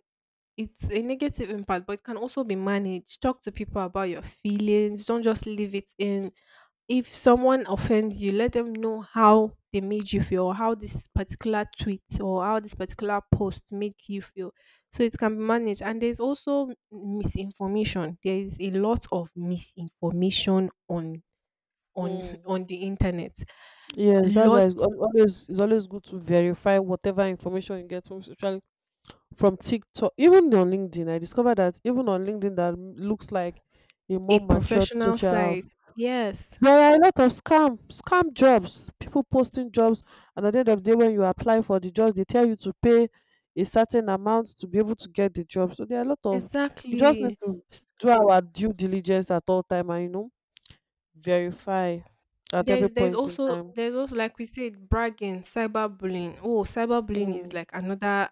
B: it's a negative impact, but it can also be managed. Talk to people about your feelings. Don't just leave it in. If someone offends you, let them know how they made you feel, or how this particular tweet or how this particular post make you feel. So it can be managed. And there's also misinformation. There is a lot of misinformation on [LAUGHS]
A: Mm.
B: on the internet.
A: Yes, that's why
B: Lot.
A: it's always good to verify whatever information you get from social from TikTok. Even on LinkedIn, I discovered that even on LinkedIn looks like a
B: A
A: more matured
B: professional
A: social app,
B: side. Yes,
A: there are a lot of scam jobs. People posting jobs, and at the end of the day, when you apply for the jobs, they tell you to pay a certain amount to be able to get the job. So there are a lot of. We just need
B: exactly.
A: to
B: S-
A: do our due diligence at all time, and you know, verify at every
B: There's there's
A: point in
B: also
A: time.
B: there's also like we said, bragging, cyberbullying. Oh, cyberbullying is
A: Mm,
B: like another.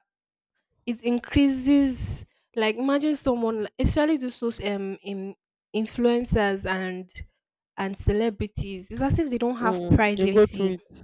B: It increases like imagine someone like- especially influencers and celebrities. It's as if they don't have
A: mm, you go through
B: privacy.
A: it.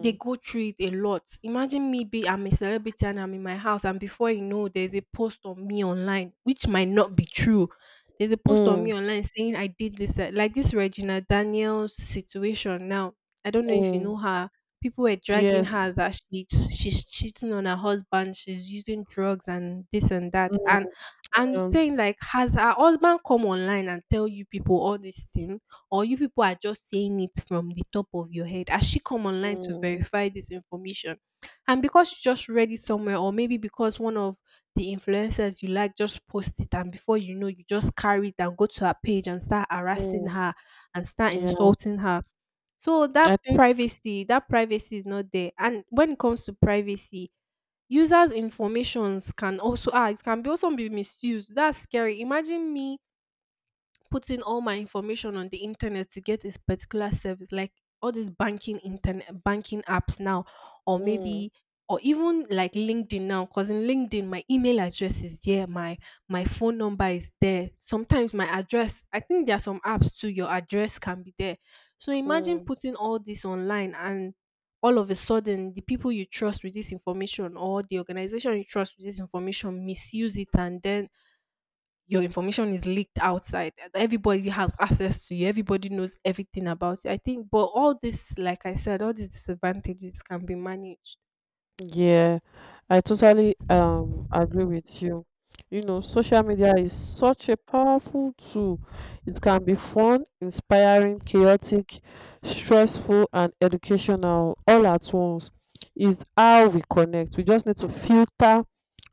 B: They go through it a lot. Imagine me be I'm a celebrity and I'm in my house and before you know there's a post on me online, which might not be true. There's a post on me
A: mm,
B: online saying I did this like this Regina Daniels situation now. I don't know if you know
A: mm.
B: her. People were dragging
A: Yes.
B: her that she's cheating on her husband, she's using drugs and this and that.
A: Mm,
B: And I'm
A: yeah.
B: saying like, has her husband come online and tell you people all this thing? Or you people are just saying it from the top of your head. Has she come online to
A: Mm,
B: verify this information? And because you just read it somewhere, or maybe because one of the influencers you like just post it, and before you know, you just carry it and go to her page and start harassing
A: mm,
B: her and start
A: yeah,
B: insulting her. So
A: I think,
B: that privacy is not there. And when it comes to privacy, users' informations can also it can be also be misused. That's scary. Imagine me putting all my information on the internet to get this particular service, like all these banking, internet banking apps now, or
A: mm,
B: maybe or even like LinkedIn now, because in LinkedIn my email address is there, my phone number is there, sometimes my address. I think there are some apps too your address can be there. So imagine
A: mm,
B: putting all this online and all of a sudden the people you trust with this information or the organization you trust with this information misuse it, and then your information is leaked outside. Everybody has access to you. Everybody knows everything about you. I think, but all this, like I said, all these disadvantages can be managed.
A: yeah, I totally agree with you. You know, social media is such a powerful tool. It can be fun, inspiring, chaotic, stressful, and educational all at once. Is how we connect. We just need to filter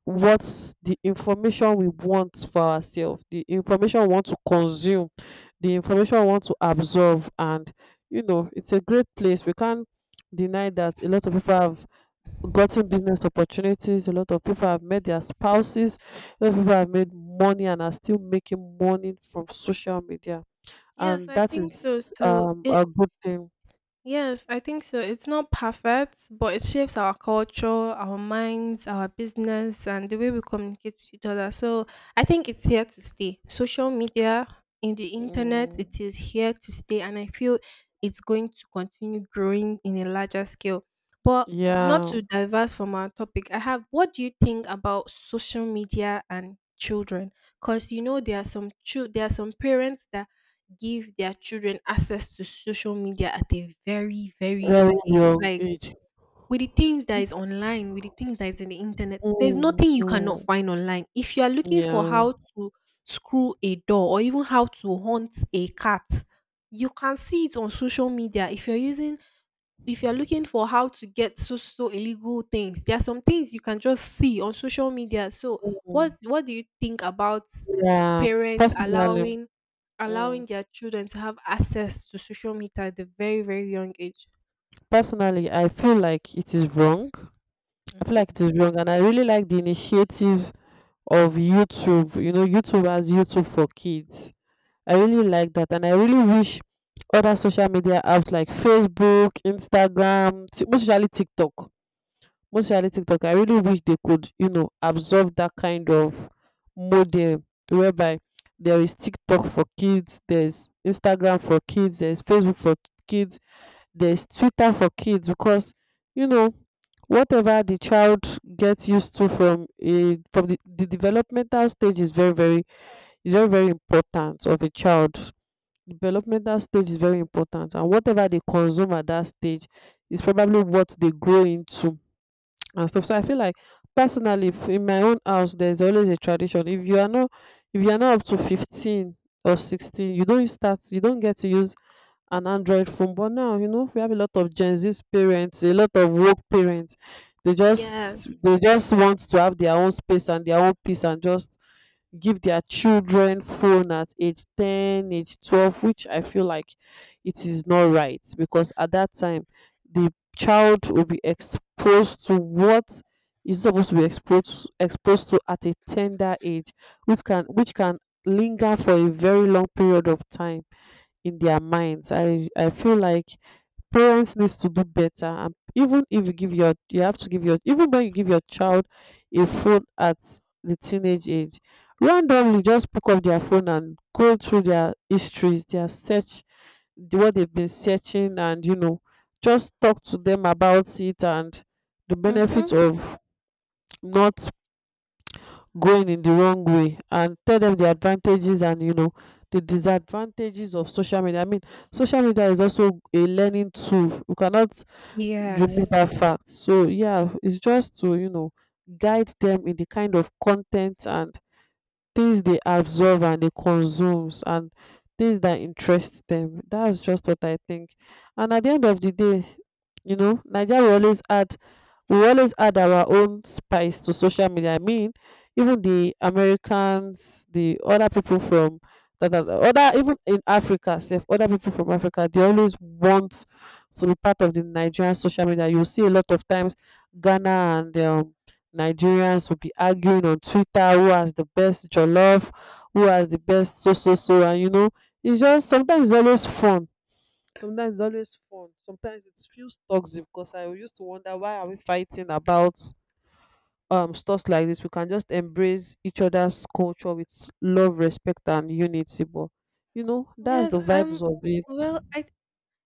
A: what's the information we want for ourselves, the information we want to consume, the information we want to absorb. And you know, it's a great place. We can't deny that a lot of people have gotten business opportunities, a lot of people have met their spouses, a lot of people have made money and are still making money from social media,
B: Yes,
A: and
B: I
A: that
B: think so.
A: is
B: So it
A: a good thing.
B: Yes, I think so. It's not perfect, but it shapes our culture, our minds, our business, and the way we communicate with each other. So I think it's here to stay. Social media, in the internet,
A: Mm,
B: it is here to stay. And I feel it's going to continue growing in a larger scale. But not
A: yeah,
B: to diverse from our topic, I have what do you think about social media and children? Because you know there are some chil- there are some parents that give their children access to social media at a very, very
A: very
B: young age.
A: young
B: Like
A: age.
B: with the things that is online, with the things that is in the internet, there's
A: Mm,
B: nothing you cannot
A: mm,
B: find online. If you are looking for
A: yeah,
B: how to screw a door or even how to hunt a cat, you can see it on social media. If you're looking for how to get so so illegal things, there are some things you can just see on social media. So,
A: mm,
B: what do you think about
A: yeah.
B: parents
A: Personally, mm,
B: allowing their children to have access to social media at a very very young age?
A: personally, I feel like it is wrong. I feel
B: Hmm.
A: like it is wrong, and I really like the initiative of YouTube. You know, YouTube has YouTube for kids. I really like that, and I really wish other social media apps like Facebook, Instagram, most especially TikTok, most especially TikTok. I really wish they could, you know, absorb that kind of model whereby there is TikTok for kids, there's Instagram for kids, there's Facebook for kids, there's Twitter for kids. Because you know, whatever the child gets used to from the developmental stage is very is very very important of a child. Developmental stage is very important, and whatever they consume at that stage is probably what they grow into and stuff. So I feel like personally, in my own house there's always a tradition. If you are not, if you are not up to 15 or 16, you don't start, you don't get to use an Android phone. But now, you know, we have a lot of Gen Z parents, a lot of woke parents. They
B: Yeah.
A: just they just want to have their own space and their own peace, and just give their children phone at age 10, age 12, which I feel like it is not right. Because at that time the child will be exposed to what is supposed to be exposed to at a tender age, which can linger for a very long period of time in their minds. I feel like parents needs to do better. And even if you give your you have to give your, even when you give your child a phone at the teenage age, randomly just pick up their phone and go through their histories, their search, what they've been searching. And you know, just talk to them about it and the
B: Mhm.
A: benefits of not going in the wrong way. And tell them the advantages and, you know, the disadvantages of social media. I mean, social media is also a learning tool, we cannot remove
B: Yes.
A: that fact. So yeah, it's just to, you know, guide them in the kind of content and things they absorb and they consume, and things that interest them. That's just what I think. And at the end of the day, you know, nigeria will always add we always add our own spice to social media. I mean, even the Americans, the other people from that other, even in Africa, if other people from Africa, they always want to be part of the Nigerian social media. You see a lot of times Ghana and Nigerians will be arguing on Twitter who has the best jollof, who has the best so so so. And you know, it's just sometimes it's always fun, sometimes it feels toxic, because I used to wonder why are we fighting about stuff like this. We can just embrace each other's culture with love, respect and unity. But you know, that's
B: Yes,
A: the vibes of it.
B: well, I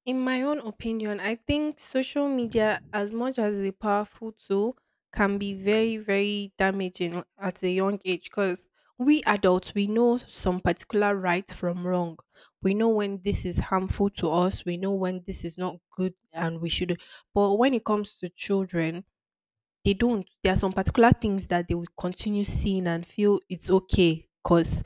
B: in my own opinion, I think social media, as much as a powerful tool, can be very, very damaging at a young age, because we adults we know some particular right from wrong. We know when this is harmful to us. We know when this is not good, and we should. But when it comes to children, they don't. There are some particular things that they will continue seeing and feel it's okay because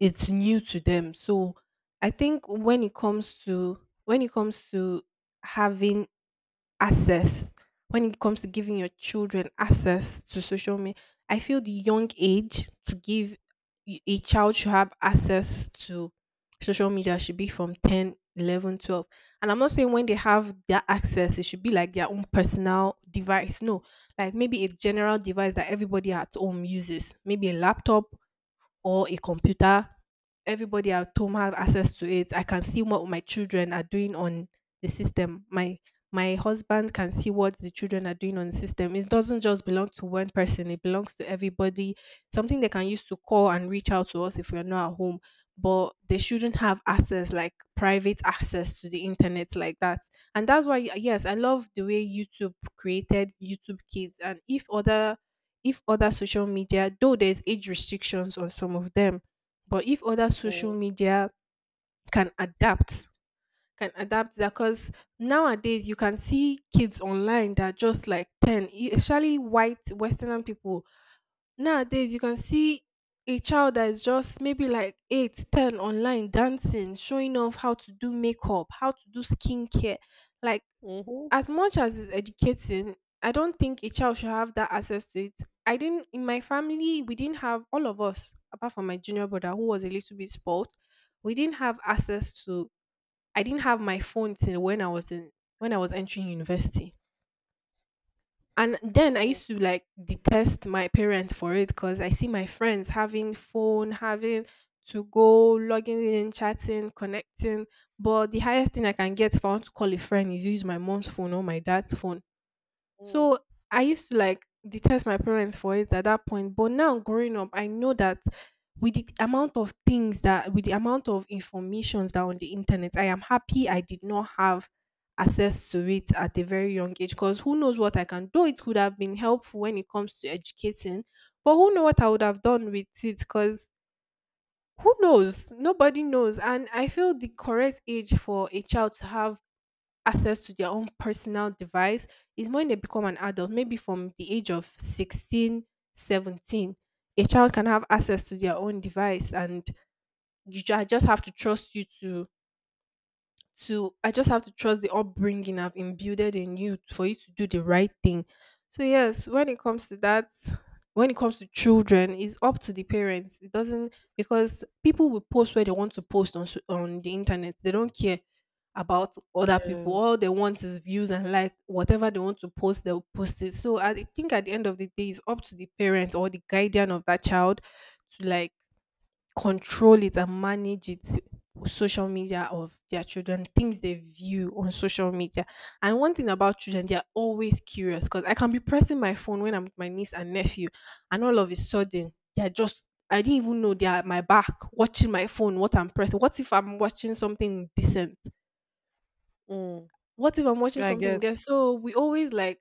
B: it's new to them. So I think when it comes to having access when it comes to giving your children access to social media, I feel the young age to give y- a child should have access to social media should be from 10, 11, 12. And I'm not saying when they have that access it should be like their own personal device. No, like maybe a general device that everybody at home uses, maybe a laptop or a computer. Everybody at home have access to it. I can see what my children are doing on the system. My husband can see what the children are doing on the system. It doesn't just belong to one person, it belongs to everybody. Something they can use to call and reach out to us if we're not at home. But they shouldn't have access, like private access to the internet like that. And that's why, yes, I love the way YouTube created YouTube Kids. And if other social media, though there's age restrictions on some of them, but if other social
A: Mm.
B: media can adapt, can adapt that because nowadays you can see kids online that are just like 10, e- especially white Western people. Nowadays you can see a child that is just maybe like 8, 10 online dancing, showing off how to do makeup, how to do skincare. Like
A: Mhm.
B: as much as it's educating, I don't think a child should have that access to it. I didn't in my family we didn't have all of us apart from my junior brother who was a little bit spoiled. We didn't have access to. I didn't have my phone till when I was entering university. And then I
A: Mm,
B: used to like detest my parents for it because I see my friends having phone, having to go logging in, chatting, connecting. But the highest thing I can get if I want to call a friend is use my mom's phone or my dad's phone. So
A: mm,
B: I used to like detest my parents for it at that point. But now growing up, I know that with the amount of informations that are on the internet, I am happy I did not have access to it at a very young age, because who knows what I
A: mm.
B: can do. It could have been helpful when it comes to educating, but who know what I would have done with it, because who knows? Nobody knows. And I feel the correct age for a child to have access to their own personal device is when they become an adult, maybe from the age of 16, 17. A child can have access to their own device, and you ju- just have to trust you to I just have to trust the upbringing I've imbued in you for you to do the right thing. So yes, when it comes to that, when it comes to children, it's up to the parents. It doesn't because people will post where they want to post on so- on the internet. They don't care about other people.
A: Yeah.
B: All they want is views, and like whatever they want to post, they'll post it. So I think at the end of the day, it's up to the parents or the guardian of that child to like control it and manage it, social media of their children, things they view on social media. And one thing about children, they're always curious, because I can be pressing my phone when I'm with my niece and nephew, and all of a sudden they're just I didn't even know they're at my back watching my phone, what I'm pressing. What if I'm watching something decent?
A: Mm.
B: What if I'm watching
A: I
B: something
A: get.
B: there? So we always like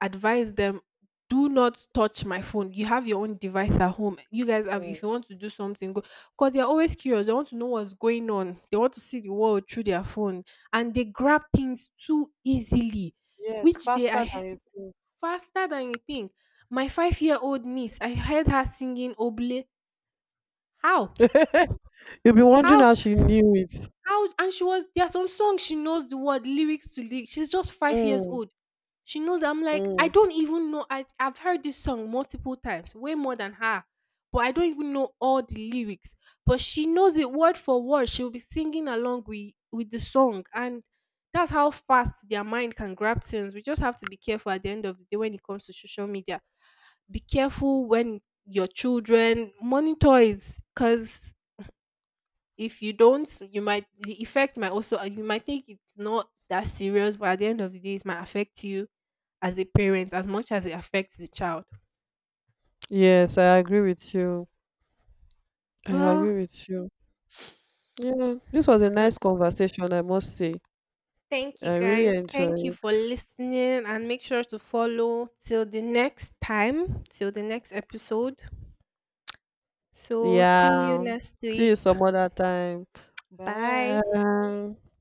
B: advise them, "Do not touch my phone. You have your own device at home. You guys have
A: Mm.
B: if you want to do something, go." Because they're always curious. They want to know what's going on. They want to see the world through their phone, and they grab things too easily,
A: Yes,
B: which they are
A: faster
B: he-
A: than you think.
B: faster than you think. My five-year-old niece, I heard her singing Oble. How?
A: [LAUGHS] You'll be wondering
B: How
A: how she knew it.
B: How and she was there are some songs she knows the word lyrics to lyrics. She's just 5 years
A: Mm,
B: old. She knows I'm like, I
A: mm.
B: don't even know. I've heard this song multiple times, way more than her. But I don't even know all the lyrics. But she knows it word for word. She'll be singing along with the song. And that's how fast their mind can grab things. We just have to be careful at the end of the day when it comes to social media. Be careful when your children monitor it, because if you don't, you might the effect might also you might think it's not that serious, but at the end of the day, it might affect you as a parent as much as it affects the child.
A: Yes, I agree with you. I
B: Well,
A: agree with you. Yeah, this was a
B: uh,
A: nice conversation, I must say.
B: thank you
A: I really
B: guys. Thank you
A: enjoyed.
B: for listening and make sure to follow till the next time, till the next episode. So, see you
A: Yeah.
B: next
A: See you
B: week.
A: some other time.
B: Bye.
A: Bye.